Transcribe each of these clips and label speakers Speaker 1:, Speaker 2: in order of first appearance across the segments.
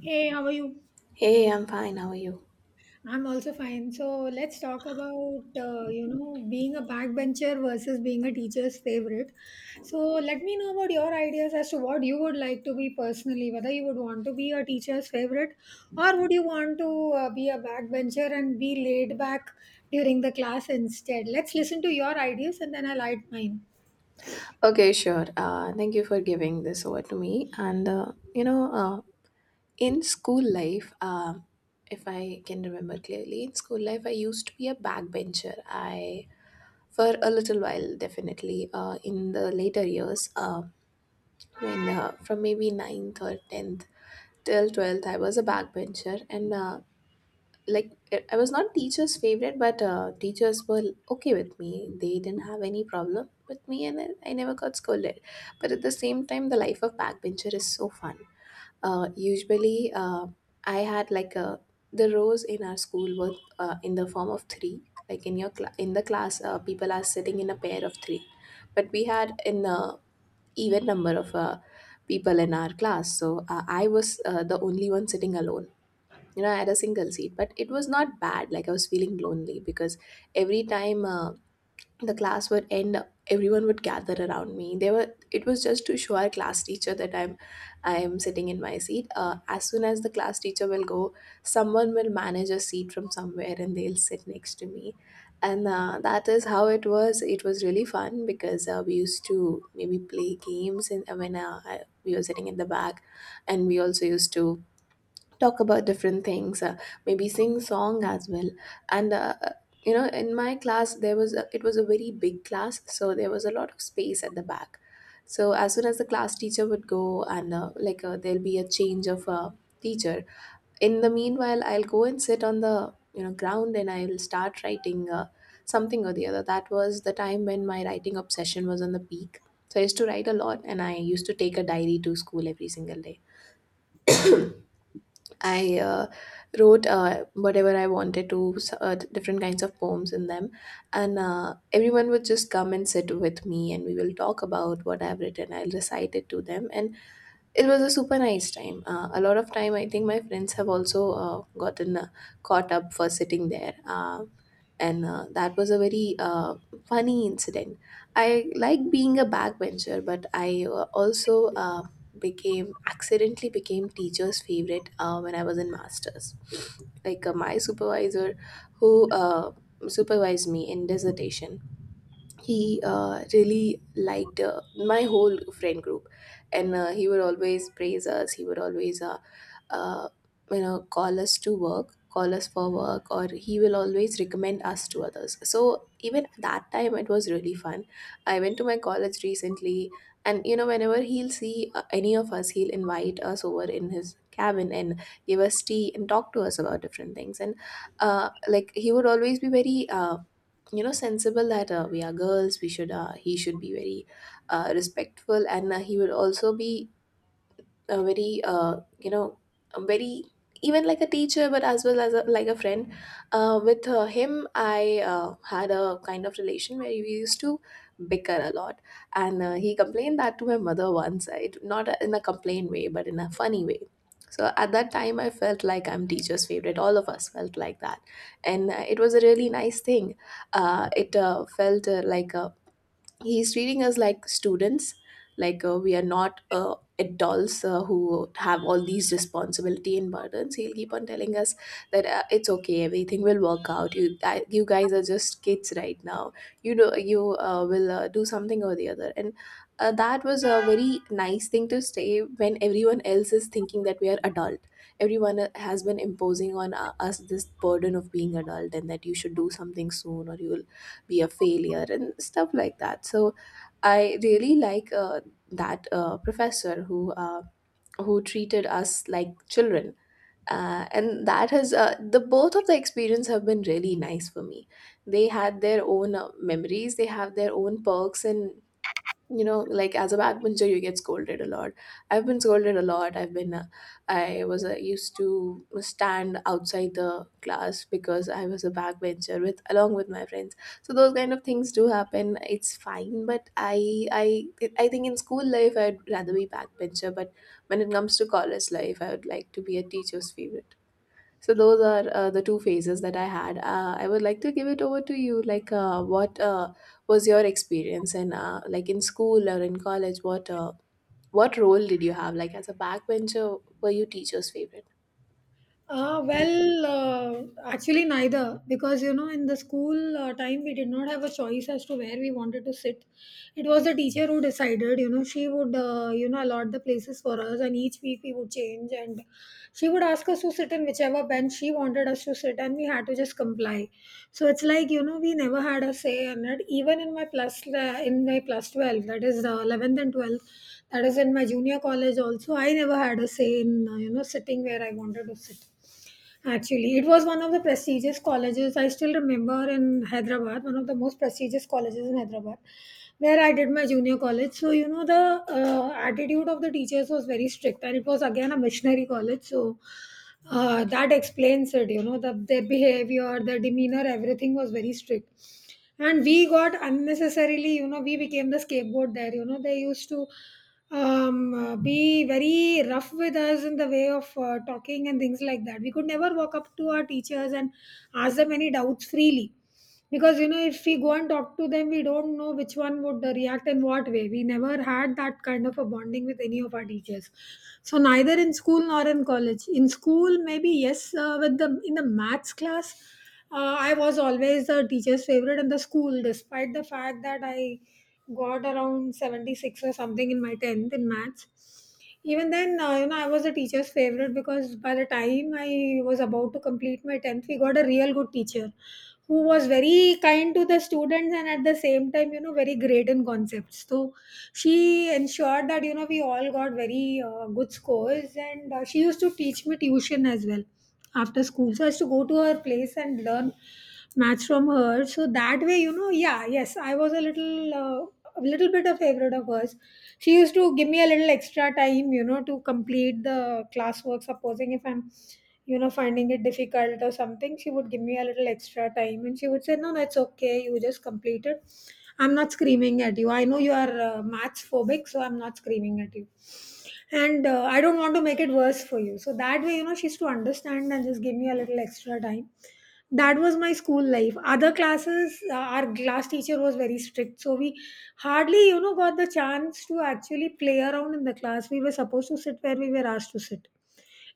Speaker 1: Hey, how are you?
Speaker 2: Hey, I'm fine. How are you?
Speaker 1: I'm also fine. So let's talk about being a backbencher versus being a teacher's favorite. So let me know about your ideas as to what you would like to be personally, whether you would want to be a teacher's favorite or would you want to be a backbencher and be laid back during the class instead. Let's listen to your ideas and then I'll add mine.
Speaker 2: Okay, sure. Thank you for giving this over to me. You know, uh, in school life, if I can remember clearly, in school life, I used to be a backbencher. I For a little while, definitely. In the later years, when from maybe ninth or tenth till 12th, I was a backbencher, and like I was not teacher's favorite, but teachers were okay with me. They didn't have any problem with me, and I never got scolded. But at the same time, the life of backbencher is so fun. Usually, I had like a the rows in our school were in the form of three. Like in your cla in the class, people are sitting in a pair of three, but we had an even number of people in our class. So I was the only one sitting alone. You know, I had a single seat, but it was not bad. Like I was feeling lonely because every time the class would end, everyone would gather around me. They were. It was just to show our class teacher that I'm sitting in my seat. As soon as the class teacher will go, someone will manage a seat from somewhere and they'll sit next to me, and that is how it was. It was really fun because we used to maybe play games, and we were sitting in the back, and we also used to talk about different things, maybe sing song as well. And uh, you know in my class there was a, it was a very big class, so there was a lot of space at the back. So as soon as the class teacher would go, and like there'll be a change of teacher, in the meanwhile I'll go and sit on the, you know, ground, and I'll start writing, something or the other. That was the time when my writing obsession was on the peak, so I used to write a lot, and I used to take a diary to school every single day. I wrote, whatever I wanted to, different kinds of poems in them. And everyone would just come and sit with me, and we will talk about what I've written. I'll recite it to them. And it was a super nice time. A lot of time, I think my friends have also gotten caught up for sitting there. And That was a very funny incident. I like being a backbencher, but I also became, accidentally became, teacher's favorite when I was in masters. Like, my supervisor, who supervised me in dissertation, he really liked my whole friend group, and he would always praise us. He would always, uh, you know, call us to work, call us for work, or he will always recommend us to others. So even at that time, it was really fun. I went to my college recently, and you know, whenever he'll see any of us, he'll invite us over in his cabin and give us tea and talk to us about different things. And Like, he would always be very, you know, sensible, that we are girls, we should, he should be very respectful. And he would also be a very, a very even like a teacher but as well as a, like a friend. With him I had a kind of relation where we used to bicker a lot, and he complained that to my mother once. It, not in a complaint way but in a funny way. So at that time I felt like I'm teacher's favorite. All of us felt like that, and it was a really nice thing. It felt like a, he's treating us like students. Like, we are not adults who have all these responsibility and burdens. He'll keep on telling us that, it's okay, everything will work out. You guys are just kids right now. You know, you will do something or the other. And That was a very nice thing to say when everyone else is thinking that we are adult. Everyone has been imposing on us this burden of being adult, and that you should do something soon or you will be a failure and stuff like that. So I really like that professor who treated us like children. And that has the both of the experience have been really nice for me. They had their own memories. They have their own perks. And you know like as a backbencher, you get scolded a lot. I've been scolded a lot. I was used to stand outside the class because I was a backbencher with, along with my friends, so those kind of things do happen. It's fine. But I think in school life, I'd rather be backbencher, but when it comes to college life, I would like to be a teacher's favorite. So those are the two phases that I had. I would like to give it over to you. Like, what was your experience, and like in school or in college, what role did you have? Like, as a backbencher, were you teacher's favorite?
Speaker 1: Well, actually, neither, because you know, in the school time, we did not have a choice as to where we wanted to sit. It was the teacher who decided, you know, she would, allot the places for us, and each week we would change, and she would ask us to sit in whichever bench she wanted us to sit, and we had to just comply. So it's like, you know, we never had a say in it, even in my plus 12, that is 11th and 12th, that is in my junior college also, I never had a say in, sitting where I wanted to sit. Actually, it was one of the prestigious colleges. I still remember in Hyderabad, one of the most prestigious colleges in Hyderabad, where I did my junior college. So, you know, the attitude of the teachers was very strict, and it was again a missionary college. So, that explains it, you know, their behavior, their demeanor, everything was very strict, and we got unnecessarily, you know, we became the scapegoat there. You know, they used to be very rough with us in the way of talking and things like that. We could never walk up to our teachers and ask them any doubts freely, because you know, if we go and talk to them, we don't know which one would react in what way. We never had that kind of a bonding with any of our teachers. So, neither in school nor in college. In school, maybe yes, with the in the maths class, I was always the teacher's favorite in the school, despite the fact that I got around 76 or something in my 10th in maths. Even then, I was a teacher's favorite, because by the time I was about to complete my 10th, we got a real good teacher who was very kind to the students, and at the same time, you know, very great in concepts. So she ensured that, you know, we all got very good scores, and she used to teach me tuition as well after school. So I used to go to her place and learn maths from her. So that way, you know, yeah, yes, I was a little bit of favorite of hers. She used to give me a little extra time, you know, to complete the classwork, supposing if I'm, you know, finding it difficult or something, she would give me a little extra time, and she would say, "No, that's okay. You just completed. I'm not screaming at you. I know you are maths phobic, so I'm not screaming at you. And I don't want to make it worse for you." So that way, you know, she used to understand and just give me a little extra time. That was my school life. Other classes, our class teacher was very strict. So we hardly, you know, got the chance to actually play around in the class. We were supposed to sit where we were asked to sit,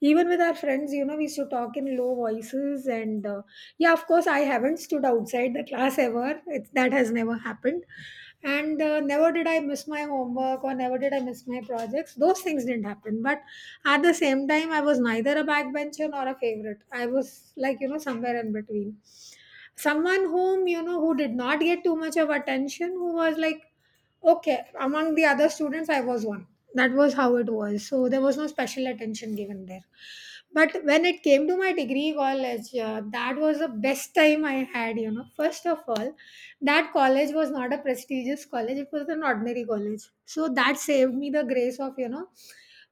Speaker 1: even with our friends. You know, we used to talk in low voices, and yeah, of course, I haven't stood outside the class ever. It's That has never happened, and never did I miss my homework or never did I miss my projects. Those things didn't happen, but at the same time, I was neither a backbencher nor a favorite. I was like, you know, somewhere in between. Someone whom, you know, who did not get too much of attention, who was like okay among the other students. I was one. That was how it was. So there was no special attention given there. But when it came to my degree college, that was the best time I had. You know, first of all, that college was not a prestigious college, it was an ordinary college, so that saved me the grace of, you know,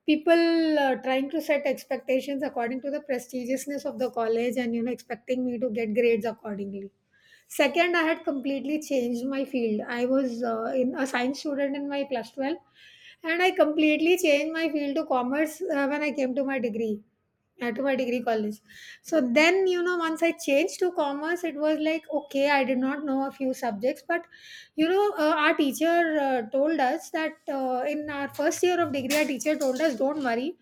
Speaker 1: people trying to set expectations according to the prestigiousness of the college, and you know, expecting me to get grades accordingly. Second, I had completely changed my field. I was in a science student in my plus 12, and I completely changed my field to commerce when I came to my degree. Yeah, my degree college. So then, you know, once I changed to commerce, it was like, okay, I did not know a few subjects, but you know, our teacher told us that in our first year of degree, our teacher told us, don't worry,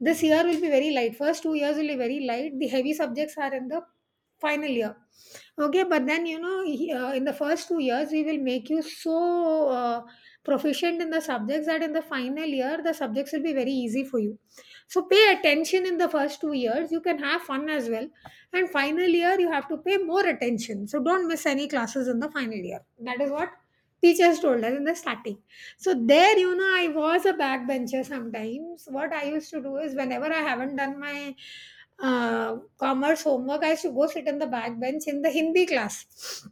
Speaker 1: this year will be very light. First 2 years will be very light. The heavy subjects are in the final year. Okay, but then you know, in the first 2 years, we will make you so proficient in the subjects that in the final year, the subjects will be very easy for you. So pay attention in the first 2 years. You can have fun as well, and final year you have to pay more attention. So don't miss any classes in the final year. That is what teachers told us in the starting. So there, you know, I was a backbencher sometimes. What I used to do is whenever I haven't done my commerce homework, I used to go sit on the back bench in the Hindi class,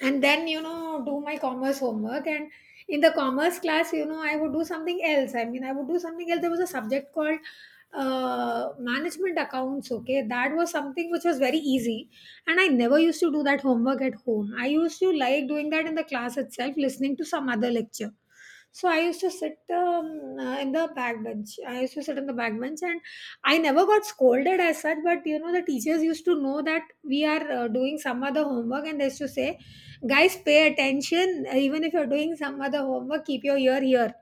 Speaker 1: and then, you know, do my commerce homework. And in the commerce class, you know, I would do something else. I mean, I would do something else. There was a subject called management accounts, okay? That was something which was very easy. And I never used to do that homework at home. I used to like doing that in the class itself, listening to some other lecture. So I used to sit in the back bench. I used to sit in the back bench, and I never got scolded as such. But you know, the teachers used to know that we are doing some other homework, and they used to say, "Guys, pay attention. Even if you're doing some other homework, keep your ear here."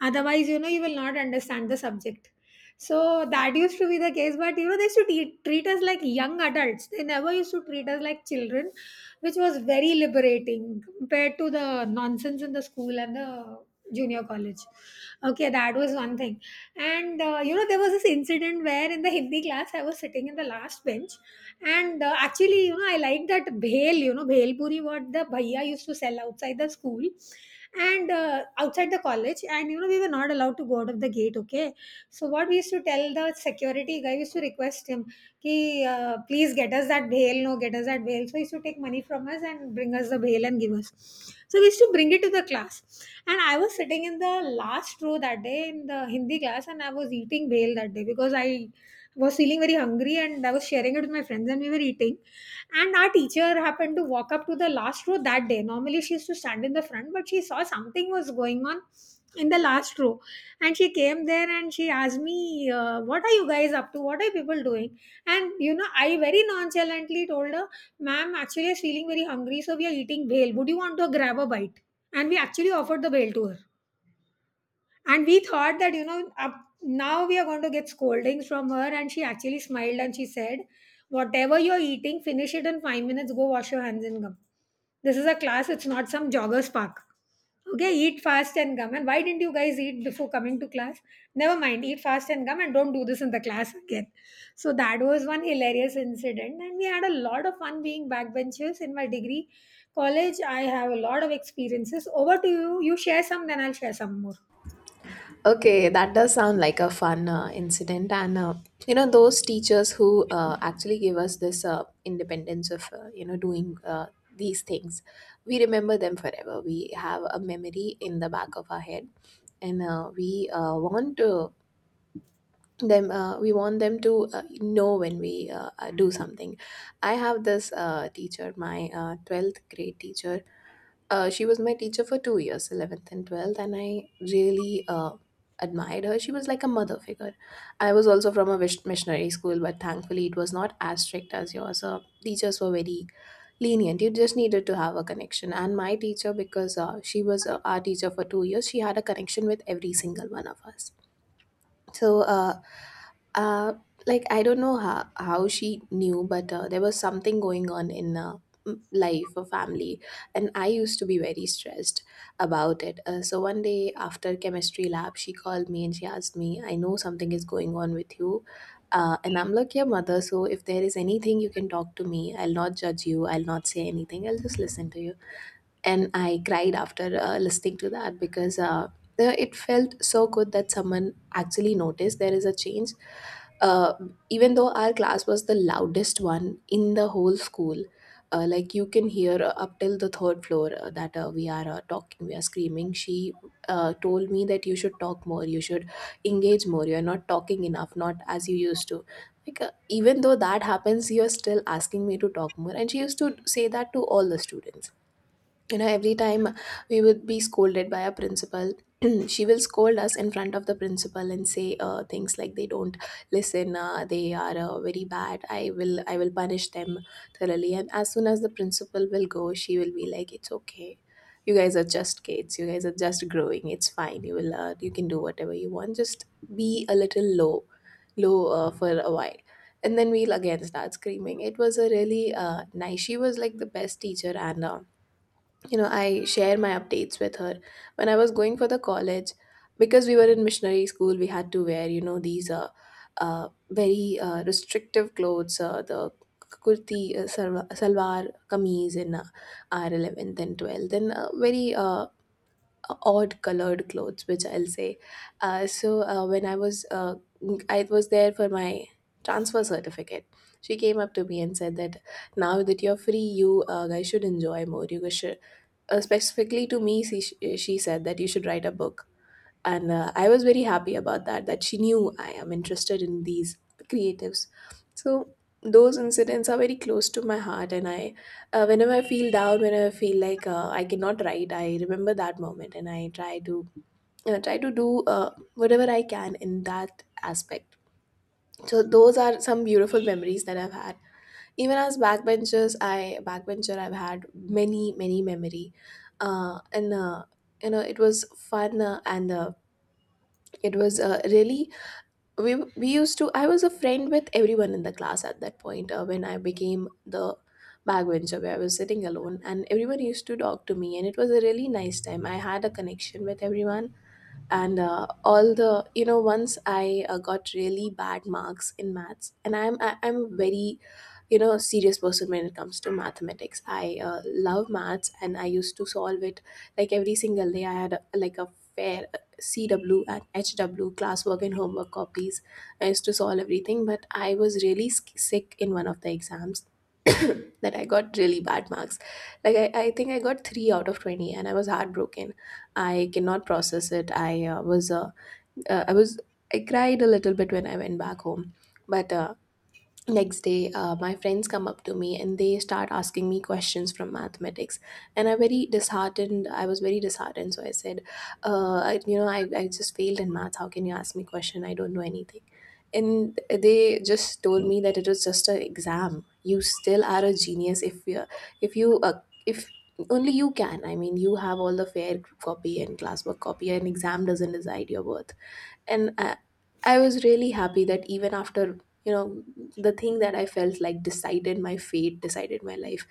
Speaker 1: Otherwise, you know, you will not understand the subject. So that used to be the case. But you know, they used to treat us like young adults, they never used to treat us like children, which was very liberating compared to the nonsense in the school and the junior college. Okay, that was one thing. And you know, there was this incident where in the Hindi class I was sitting in the last bench. And actually, you know, I liked that bhel, you know, bhel puri, what the bhaiya used to sell outside the school and outside the college. And you know, we were not allowed to go out of the gate, okay. So what we used to tell the security guy, we used to request him, ki, please get us that bail, no, get us that bail. So he used to take money from us and bring us the bail and give us. So we used to bring it to the class, and I was sitting in the last row that day in the Hindi class, and I was eating bail that day because I was feeling very hungry, and I was sharing it with my friends, and we were eating. And our teacher happened to walk up to the last row that day. Normally, she used to stand in the front, but she saw something was going on in the last row. And she came there and she asked me, "What are you guys up to? What are people doing?" And, you know, I very nonchalantly told her, "Ma'am, actually, I was feeling very hungry, so we are eating whale. Would you want to grab a bite?" And we actually offered the whale to her and we thought that now we are going to get scoldings from her, and she actually smiled and she said, whatever you're eating finish it in 5 minutes. Go wash your hands and come. This is a class, it's not some joggers park. Okay, eat fast and come. And why didn't you guys eat before coming to class? Never mind, eat fast and come, and don't do this in the class again. So that was one hilarious incident, and we had a lot of fun being backbenchers in my degree college. I have a lot of experiences. Over to you. You share some, then I'll share some more.
Speaker 2: Okay, that does sound like a fun incident, and you know, those teachers who actually give us this independence of, you know, doing these things, we remember them forever. We have a memory in the back of our head, and we want to them, we want them to know when we do something. I have this teacher, my 12th grade teacher. She was my teacher for 2 years, 11th and 12th, and I really admired her. She was like a mother figure. I was also from a missionary school, but thankfully it was not as strict as yours. Teachers were very lenient. You just needed to have a connection, and my teacher, because she was our teacher for 2 years, she had a connection with every single one of us. so uh, uh, like, I don't know how she knew, but there was something going on in, life or family, and I used to be very stressed about it. So one day after chemistry lab, she called me and she asked me, "I know something is going on with you," and I'm like, "Yeah, mother. So if there is anything, you can talk to me. I'll not judge you. I'll not say anything. I'll just listen to you." And I cried after listening to that because. It felt so good that someone actually noticed there is a change. uh, Even though our class was the loudest one in the whole school, like, you can hear up till the third floor that we are talking, we are screaming. She told me that you should talk more, you should engage more, you are not talking enough, not as you used to. Like, even though that happens, you're still asking me to talk more. And she used to say that to all the students, every time we would be scolded by our principal. She will scold us in front of the principal and say things like, they don't listen, they are very bad, I will punish them thoroughly. And as soon as the principal will go, she will be like, it's okay, you guys are just kids, you guys are just growing, it's fine, you can do whatever you want, just be a little low for a while. And then we'll again start screaming. It was a really nice, she was like the best teacher. And you know, I share my updates with her when I was going for the college. Because we were in missionary school, we had to wear, these very restrictive clothes, the kurti, salwar kameez in r11th and 12th. Then very odd colored clothes, which I'll say. So when I was I was there for my transfer certificate. She came up to me and said that, now that you're free, you guys should enjoy more, you guys should — specifically to me, she said that you should write a book. And I was very happy about that, that she knew I am interested in these creatives. So those incidents are very close to my heart, and I whenever I feel down, whenever I feel like I cannot write, I remember that moment, and I try to do whatever I can in that aspect. So those are some beautiful memories that I've had. Even as backbencher, I've had many many memory. And It was fun. And It was really — we we used to I was a friend with everyone in the class at that point. When I became the backbencher where I was sitting alone, and everyone used to talk to me, and it was a really nice time. I had a connection with everyone. And all the you know once I got really bad marks in maths, and I'm a very, serious person when it comes to mathematics. I love maths, and I used to solve it like every single day. I had a, like a fair, CW and HW, classwork and homework copies. I used to solve everything, but I was really sick in one of the exams. That I got really bad marks. Like I think I got 3 out of 20, and I was heartbroken. I cannot process it. I was I was I cried a little bit when I went back home. But next day, my friends come up to me and they start asking me questions from mathematics. And I very disheartened, I was very disheartened, so I said, I, you know I just failed in math, how can you ask me question, I don't know anything. And they just told me that it was just an exam, you still are a genius, if you if you uh, if only you can — I mean, you have all the fair copy and classwork copy, an exam doesn't decide your worth. And I was really happy that even after, you know the thing that I felt like decided my fate, decided my life,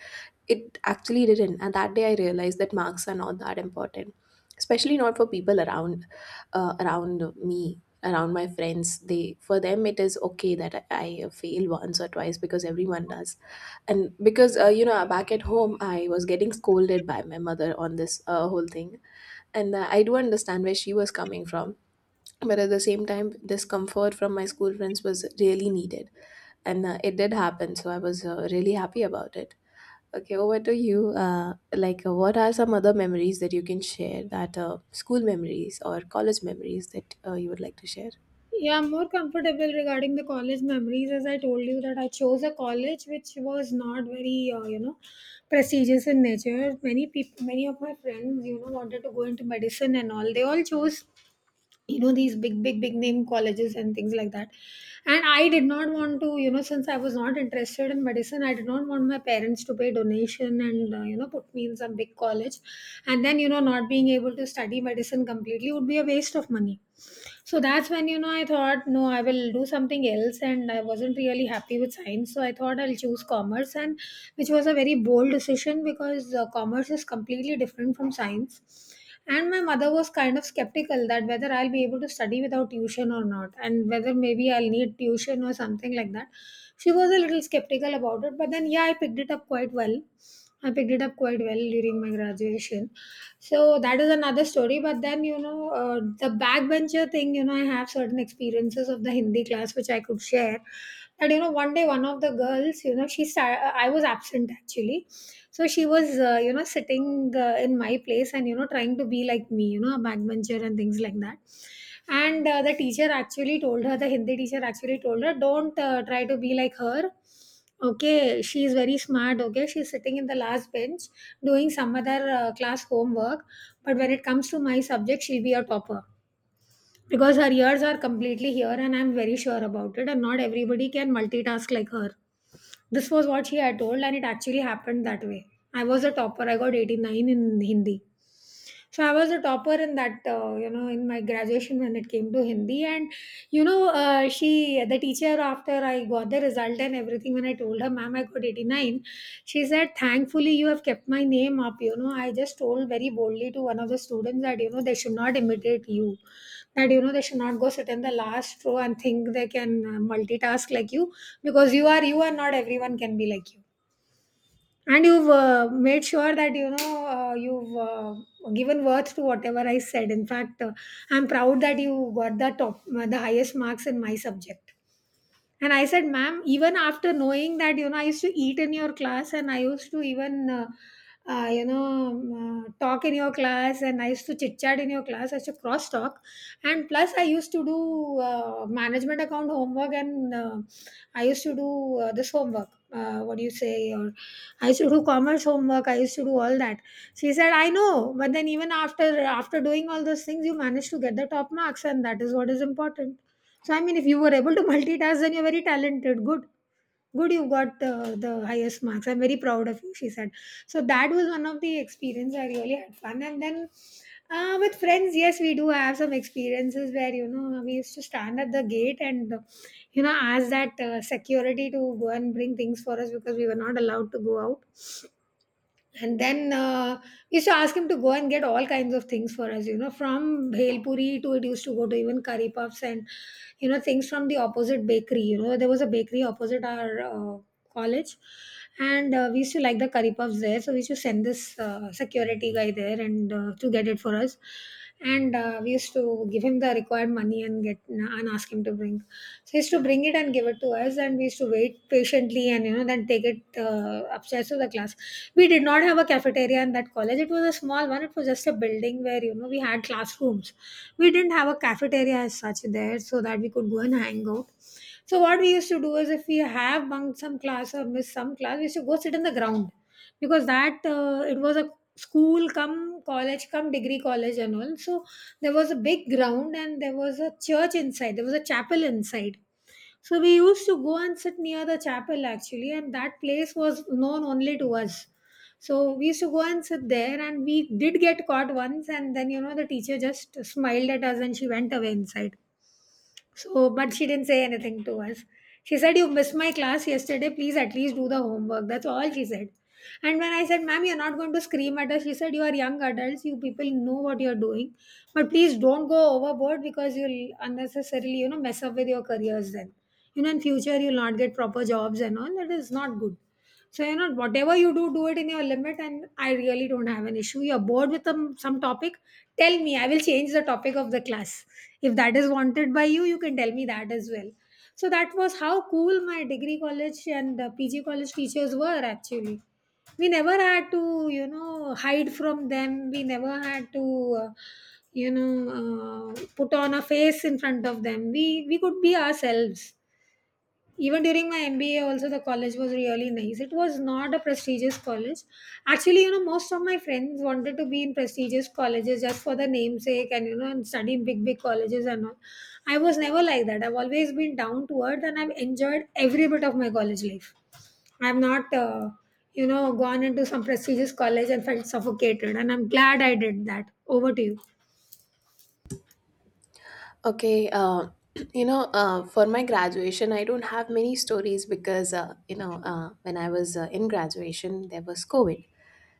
Speaker 2: it actually didn't. And that day I realized that marks are not that important, especially not for people around, around me, around my friends. They — for them, it is okay that I fail once or twice, because everyone does. And because, back at home I was getting scolded by my mother on this whole thing. And I do understand where she was coming from, but at the same time, this comfort from my school friends was really needed. And it did happen, so I was really happy about it. Okay, over to you. Like, what are some other memories that you can share, that school memories or college memories that you would like to share?
Speaker 1: Yeah, I'm more comfortable regarding the college memories. As I told you, that I chose a college which was not very, prestigious in nature. Many people, many of my friends, you know, wanted to go into medicine and all. They all chose, you know, these big name colleges and things like that. And I did not want to, you know, since I was not interested in medicine, I did not want my parents to pay donation and, you know, put me in some big college, and then, you know, not being able to study medicine completely would be a waste of money. So that's when, you know, I thought, no, I will do something else. And I wasn't really happy with science. So I thought I'll choose commerce, and which was a very bold decision because commerce is completely different from science. And my mother was kind of skeptical that whether I'll be able to study without tuition or not, and whether maybe I'll need tuition or something like that. She was a little skeptical about it, but then, yeah, I picked it up quite well. I picked it up quite well during my graduation. So that is another story. But then, you know, the backbencher thing, you know, I have certain experiences of the Hindi class which I could share. That, you know, one day one of the girls, you know, she started, I was absent actually, so she was, you know, sitting in my place and, you know, trying to be like me, you know, a backbencher and things like that. And the teacher actually told her, the Hindi teacher actually told her, don't try to be like her. Okay, she is very smart. Okay, she's sitting in the last bench doing some other class homework. But when it comes to my subject, she'll be a topper because her ears are completely here, and I'm very sure about it, and not everybody can multitask like her. This was what she had told, and it actually happened that way. I was a topper, I got 89 in Hindi. So I was a topper in that, you know, in my graduation when it came to Hindi. And, you know, she, the teacher, after I got the result and everything, when I told her, ma'am, I got 89, she said, thankfully, you have kept my name up. You know, I just told very boldly to one of the students that, you know, they should not imitate you, that, you know, they should not go sit in the last row and think they can multitask like you, because you are, not everyone can be like you, and you've made sure that, you know, you've given worth to whatever I said. In fact, I'm proud that you got the top the highest marks in my subject. And I said, ma'am, even after knowing that, you know, I used to eat in your class, and I used to even, talk in your class, and I used to chit chat in your class. I used to cross talk. And plus, I used to do management account homework, and I used to do this homework. What do you say? Or I used to do commerce homework. I used to do all that. She said, "I know," but then even after doing all those things, you managed to get the top marks, and that is what is important. So I mean, if you were able to multitask, then you're very talented. Good, good. You got the highest marks. I'm very proud of you, she said. So that was one of the experience. I really had fun. And then with friends, yes, we do have some experiences where, you know, we used to stand at the gate and, you know, ask that security to go and bring things for us because we were not allowed to go out. And then we used to ask him to go and get all kinds of things for us, you know, from bhel puri to, it used to go to even curry puffs and, you know, things from the opposite bakery. You know, there was a bakery opposite our college, and we used to like the curry puffs there. So we used to send this security guy there and to get it for us, and we used to give him the required money and get and ask him to bring. So he used to bring it and give it to us, and we used to wait patiently and, you know, then take it upstairs to the class. We did not have a cafeteria in that college. It was a small one. It was just a building where, you know, we had classrooms. We didn't have a cafeteria as such there, so that we could go and hang out. So what we used to do is if we have bunked some class or missed some class, we used to go sit in the ground. Because that it was a school come college come degree college and all. So there was a big ground and there was a church inside. There was a chapel inside. So we used to go and sit near the chapel actually, and that place was known only to us. So we used to go and sit there, and we did get caught once, and then, you know, the teacher just smiled at us and she went away inside. So, but she didn't say anything to us. She said, you missed my class yesterday. Please at least do the homework. That's all she said. And when I said, ma'am, you're not going to scream at us, she said, you are young adults. You people know what you're doing. But please don't go overboard because you'll unnecessarily, you know, mess up with your careers then. You know, in future, you'll not get proper jobs and all. That is not good. So, you know, whatever you do, do it in your limit. And I really don't have an issue. You're bored with some topic, tell me. I will change the topic of the class. If that is wanted by you, you can tell me that as well. So, that was how cool my degree college and PG college teachers were actually. We never had to, you know, hide from them. We never had to. Put on a face in front of them. We could be ourselves even during my MBA, also the college was really nice. It was not a prestigious college. Actually, you know, most of my friends wanted to be in prestigious colleges just for the namesake and, you know, and study in big colleges and all. I was never like that. I've always been down to earth and I've enjoyed every bit of my college life. I've not, gone into some prestigious college and felt suffocated. And I'm glad I did that. Over to you.
Speaker 2: Okay. For my graduation, I don't have many stories, because when I was in graduation, there was COVID.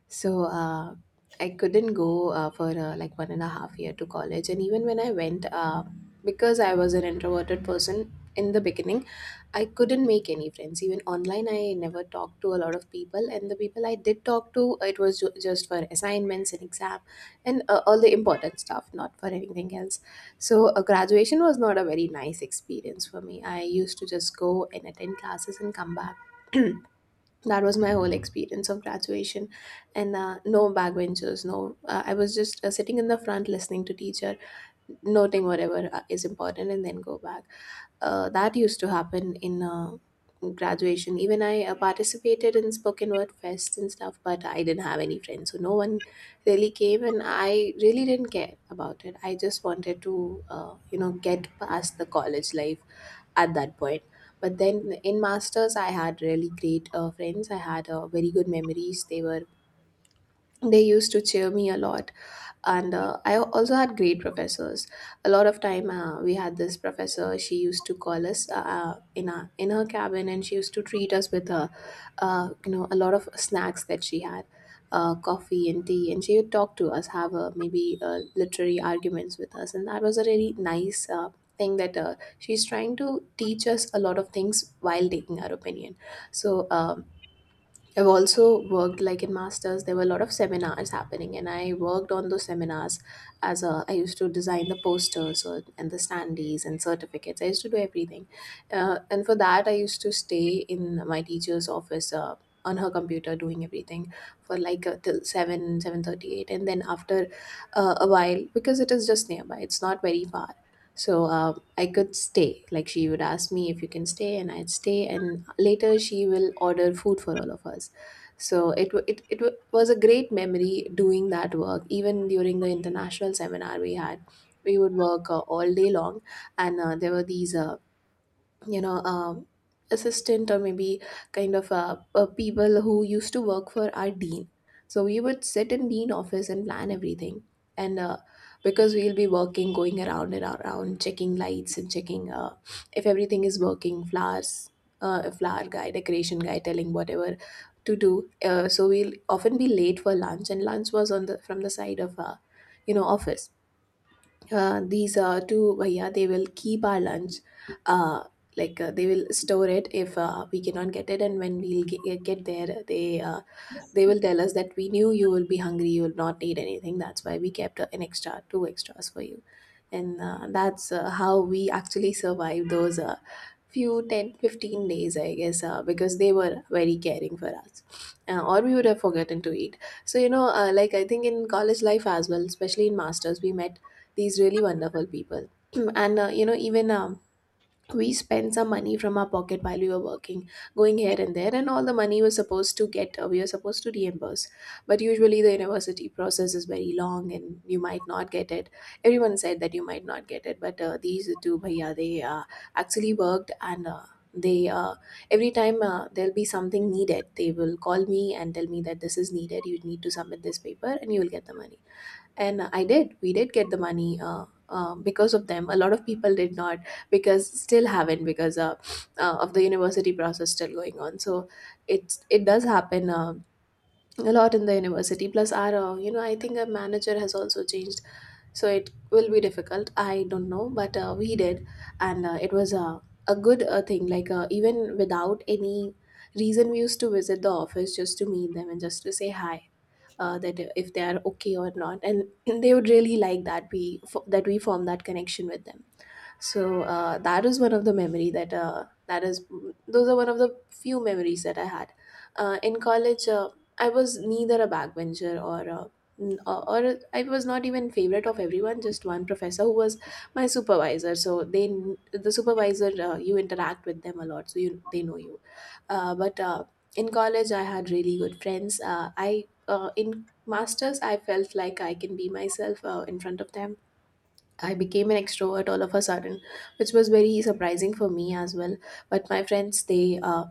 Speaker 2: So I couldn't go for like 1.5 year to college. And even when I went, because I was an introverted person in the beginning, I couldn't make any friends. Even online, I never talked to a lot of people, and the people I did talk to, it was just for assignments and exam, and all the important stuff, not for anything else. So a graduation was not a very nice experience for me. I used to just go and attend classes and come back. That was my whole experience of graduation. And no backbenchers, no, I was just sitting in the front listening to teacher, noting whatever is important, and then go back. That used to happen in graduation. Even I participated in spoken word fests and stuff, but I didn't have any friends, so no one really came. And I really didn't care about it, I just wanted to get past the college life at that point. But then in masters, I had really great friends. I had very good memories. They used to cheer me a lot, and I also had great professors. A lot of time, we had this professor. She used to call us, in her cabin, and she used to treat us with a lot of snacks that she had, coffee and tea. And she would talk to us, have maybe literary arguments with us, and that was a really nice thing, that she's trying to teach us a lot of things while taking our opinion. So I've also worked, like in masters there were a lot of seminars happening, and I worked on those seminars as a — I used to design the posters and the standees and certificates, I used to do everything. And for that, I used to stay in my teacher's office on her computer doing everything for like, till 7, 7:38, and then after a while, because it is just nearby, it's not very far. So I could stay. Like, she would ask me if you can stay, and I'd stay. And later she will order food for all of us. So it was a great memory doing that work. Even during the international seminar we had, we would work all day long, and there were these, you know um, assistant or maybe kind of people who used to work for our dean. So we would sit in dean office and plan everything, and because we'll be working, going around and around checking lights and checking if everything is working, flowers, a flower guy, decoration guy, telling whatever to do. So we'll often be late for lunch, and lunch was on the from the side of office. These two bhaiya, they will keep our lunch, uh, like, they will store it if we cannot get it, and when we'll get there, they will tell us that, we knew you will be hungry, you will not need anything, that's why we kept, an extra, two extras for you. And that's how we actually survived those, few 10-15 days I guess, because they were very caring for us, or we would have forgotten to eat. So like, I think in college life as well, especially in masters, we met these really wonderful people. And even we spent some money from our pocket while we were working, going here and there, and all the money was supposed to get — we were supposed to reimburse. But usually, the university process is very long, and you might not get it. Everyone said that you might not get it, but these two bhaiya, they actually worked. And they every time there'll be something needed, they will call me and tell me that this is needed, you need to submit this paper and you will get the money. And I did. We did get the money, because of them. A lot of people did not, because still haven't, because of the university process still going on. So it does happen a lot in the university. Plus, our, I think our manager has also changed, so it will be difficult, I don't know. But we did, and it was a good thing. Like, even without any reason, we used to visit the office just to meet them and just to say hi, that if they are okay or not. And they would really like that we form that connection with them. So that is one of the memory that that is those are one of the few memories that I had in college. I was neither a backbencher or n- or I was not even favorite of everyone. Just one professor who was my supervisor. The supervisor, you interact with them a lot, so you — they know you. But In college, I had really good friends. I in masters, I felt like I can be myself in front of them. I became an extrovert all of a sudden, which was very surprising for me as well. But my friends,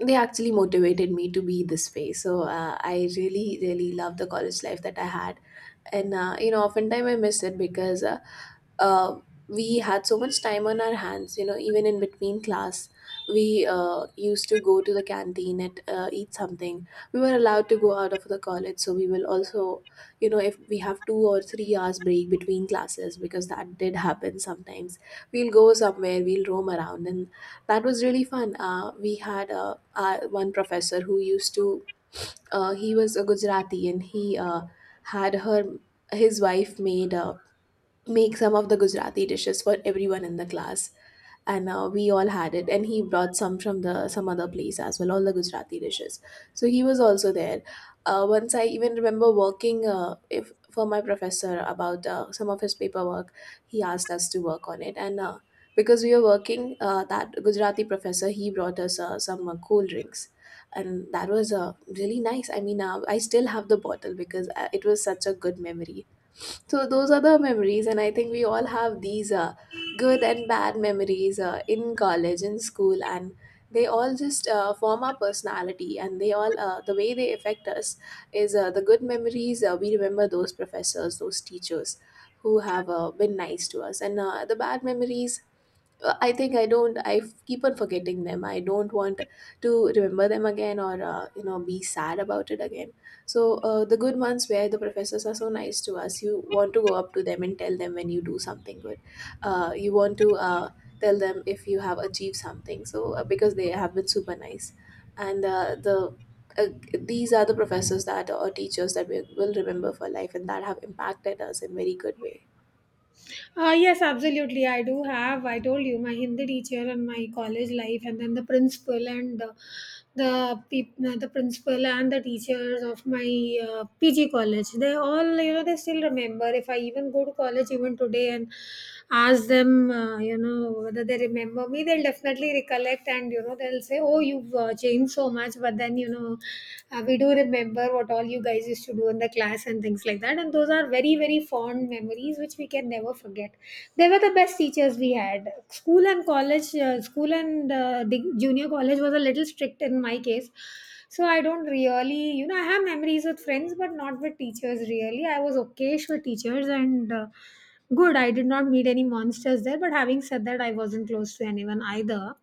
Speaker 2: they actually motivated me to be this way. So I really, really love the college life that I had. And oftentimes I miss it, because uh, we had so much time on our hands. Even in between class, we used to go to the canteen and eat something. We were allowed to go out of the college, so we will also, if we have 2 or 3 hours break between classes, because that did happen sometimes, we'll go somewhere, we'll roam around, and that was really fun. We had one professor who used to, he was a Gujarati, and he had her his wife made make some of the Gujarati dishes for everyone in the class, and we all had it. And he brought some from the some other place as well, all the Gujarati dishes. So he was also there. Once I even remember working, if for my professor about some of his paperwork, he asked us to work on it, and because we were working, that Gujarati professor, he brought us some cool drinks. And that was really nice. I mean, I still have the bottle, because it was such a good memory. So those are the memories, and I think we all have these good and bad memories in college, in school, and they all just form our personality. And they all, the way they affect us, is the good memories. We remember those professors, those teachers who have been nice to us. And the bad memories, I think I don't — I keep on forgetting them. I don't want to remember them again, or be sad about it again. So the good ones, where the professors are so nice to us, you want to go up to them and tell them when you do something good. You want to tell them if you have achieved something. So because they have been super nice, and the uh, these are the professors, that or teachers, that we will remember for life, and that have impacted us in very good way.
Speaker 1: Yes, absolutely. I do have. I told you my Hindi teacher and my college life, and then the principal and the the principal and the teachers of my PG college. They all, you know, they still remember. If I even go to college even today and ask them, you know, whether they remember me, they'll definitely recollect, and you know they'll say, "Oh, you've changed so much," but then you know, we do remember what all you guys used to do in the class and things like that. And those are very, very fond memories which we can never forget. They were the best teachers we had. School and college, school and the junior college was a little strict in my case. So I don't really, you know, I have memories with friends, but not with teachers really. I was okayish with teachers and good. I did not meet any monsters there. But having said that, I wasn't close to anyone either.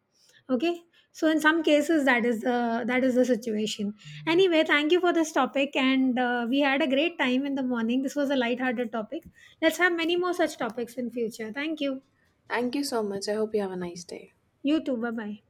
Speaker 1: Okay, so in some cases that is the situation. Anyway, thank you for this topic, and we had a great time in the morning. This was a light-hearted topic. Let's have many more such topics in future. Thank you.
Speaker 2: Thank you so much. I hope you have a nice day.
Speaker 1: You too. Bye bye.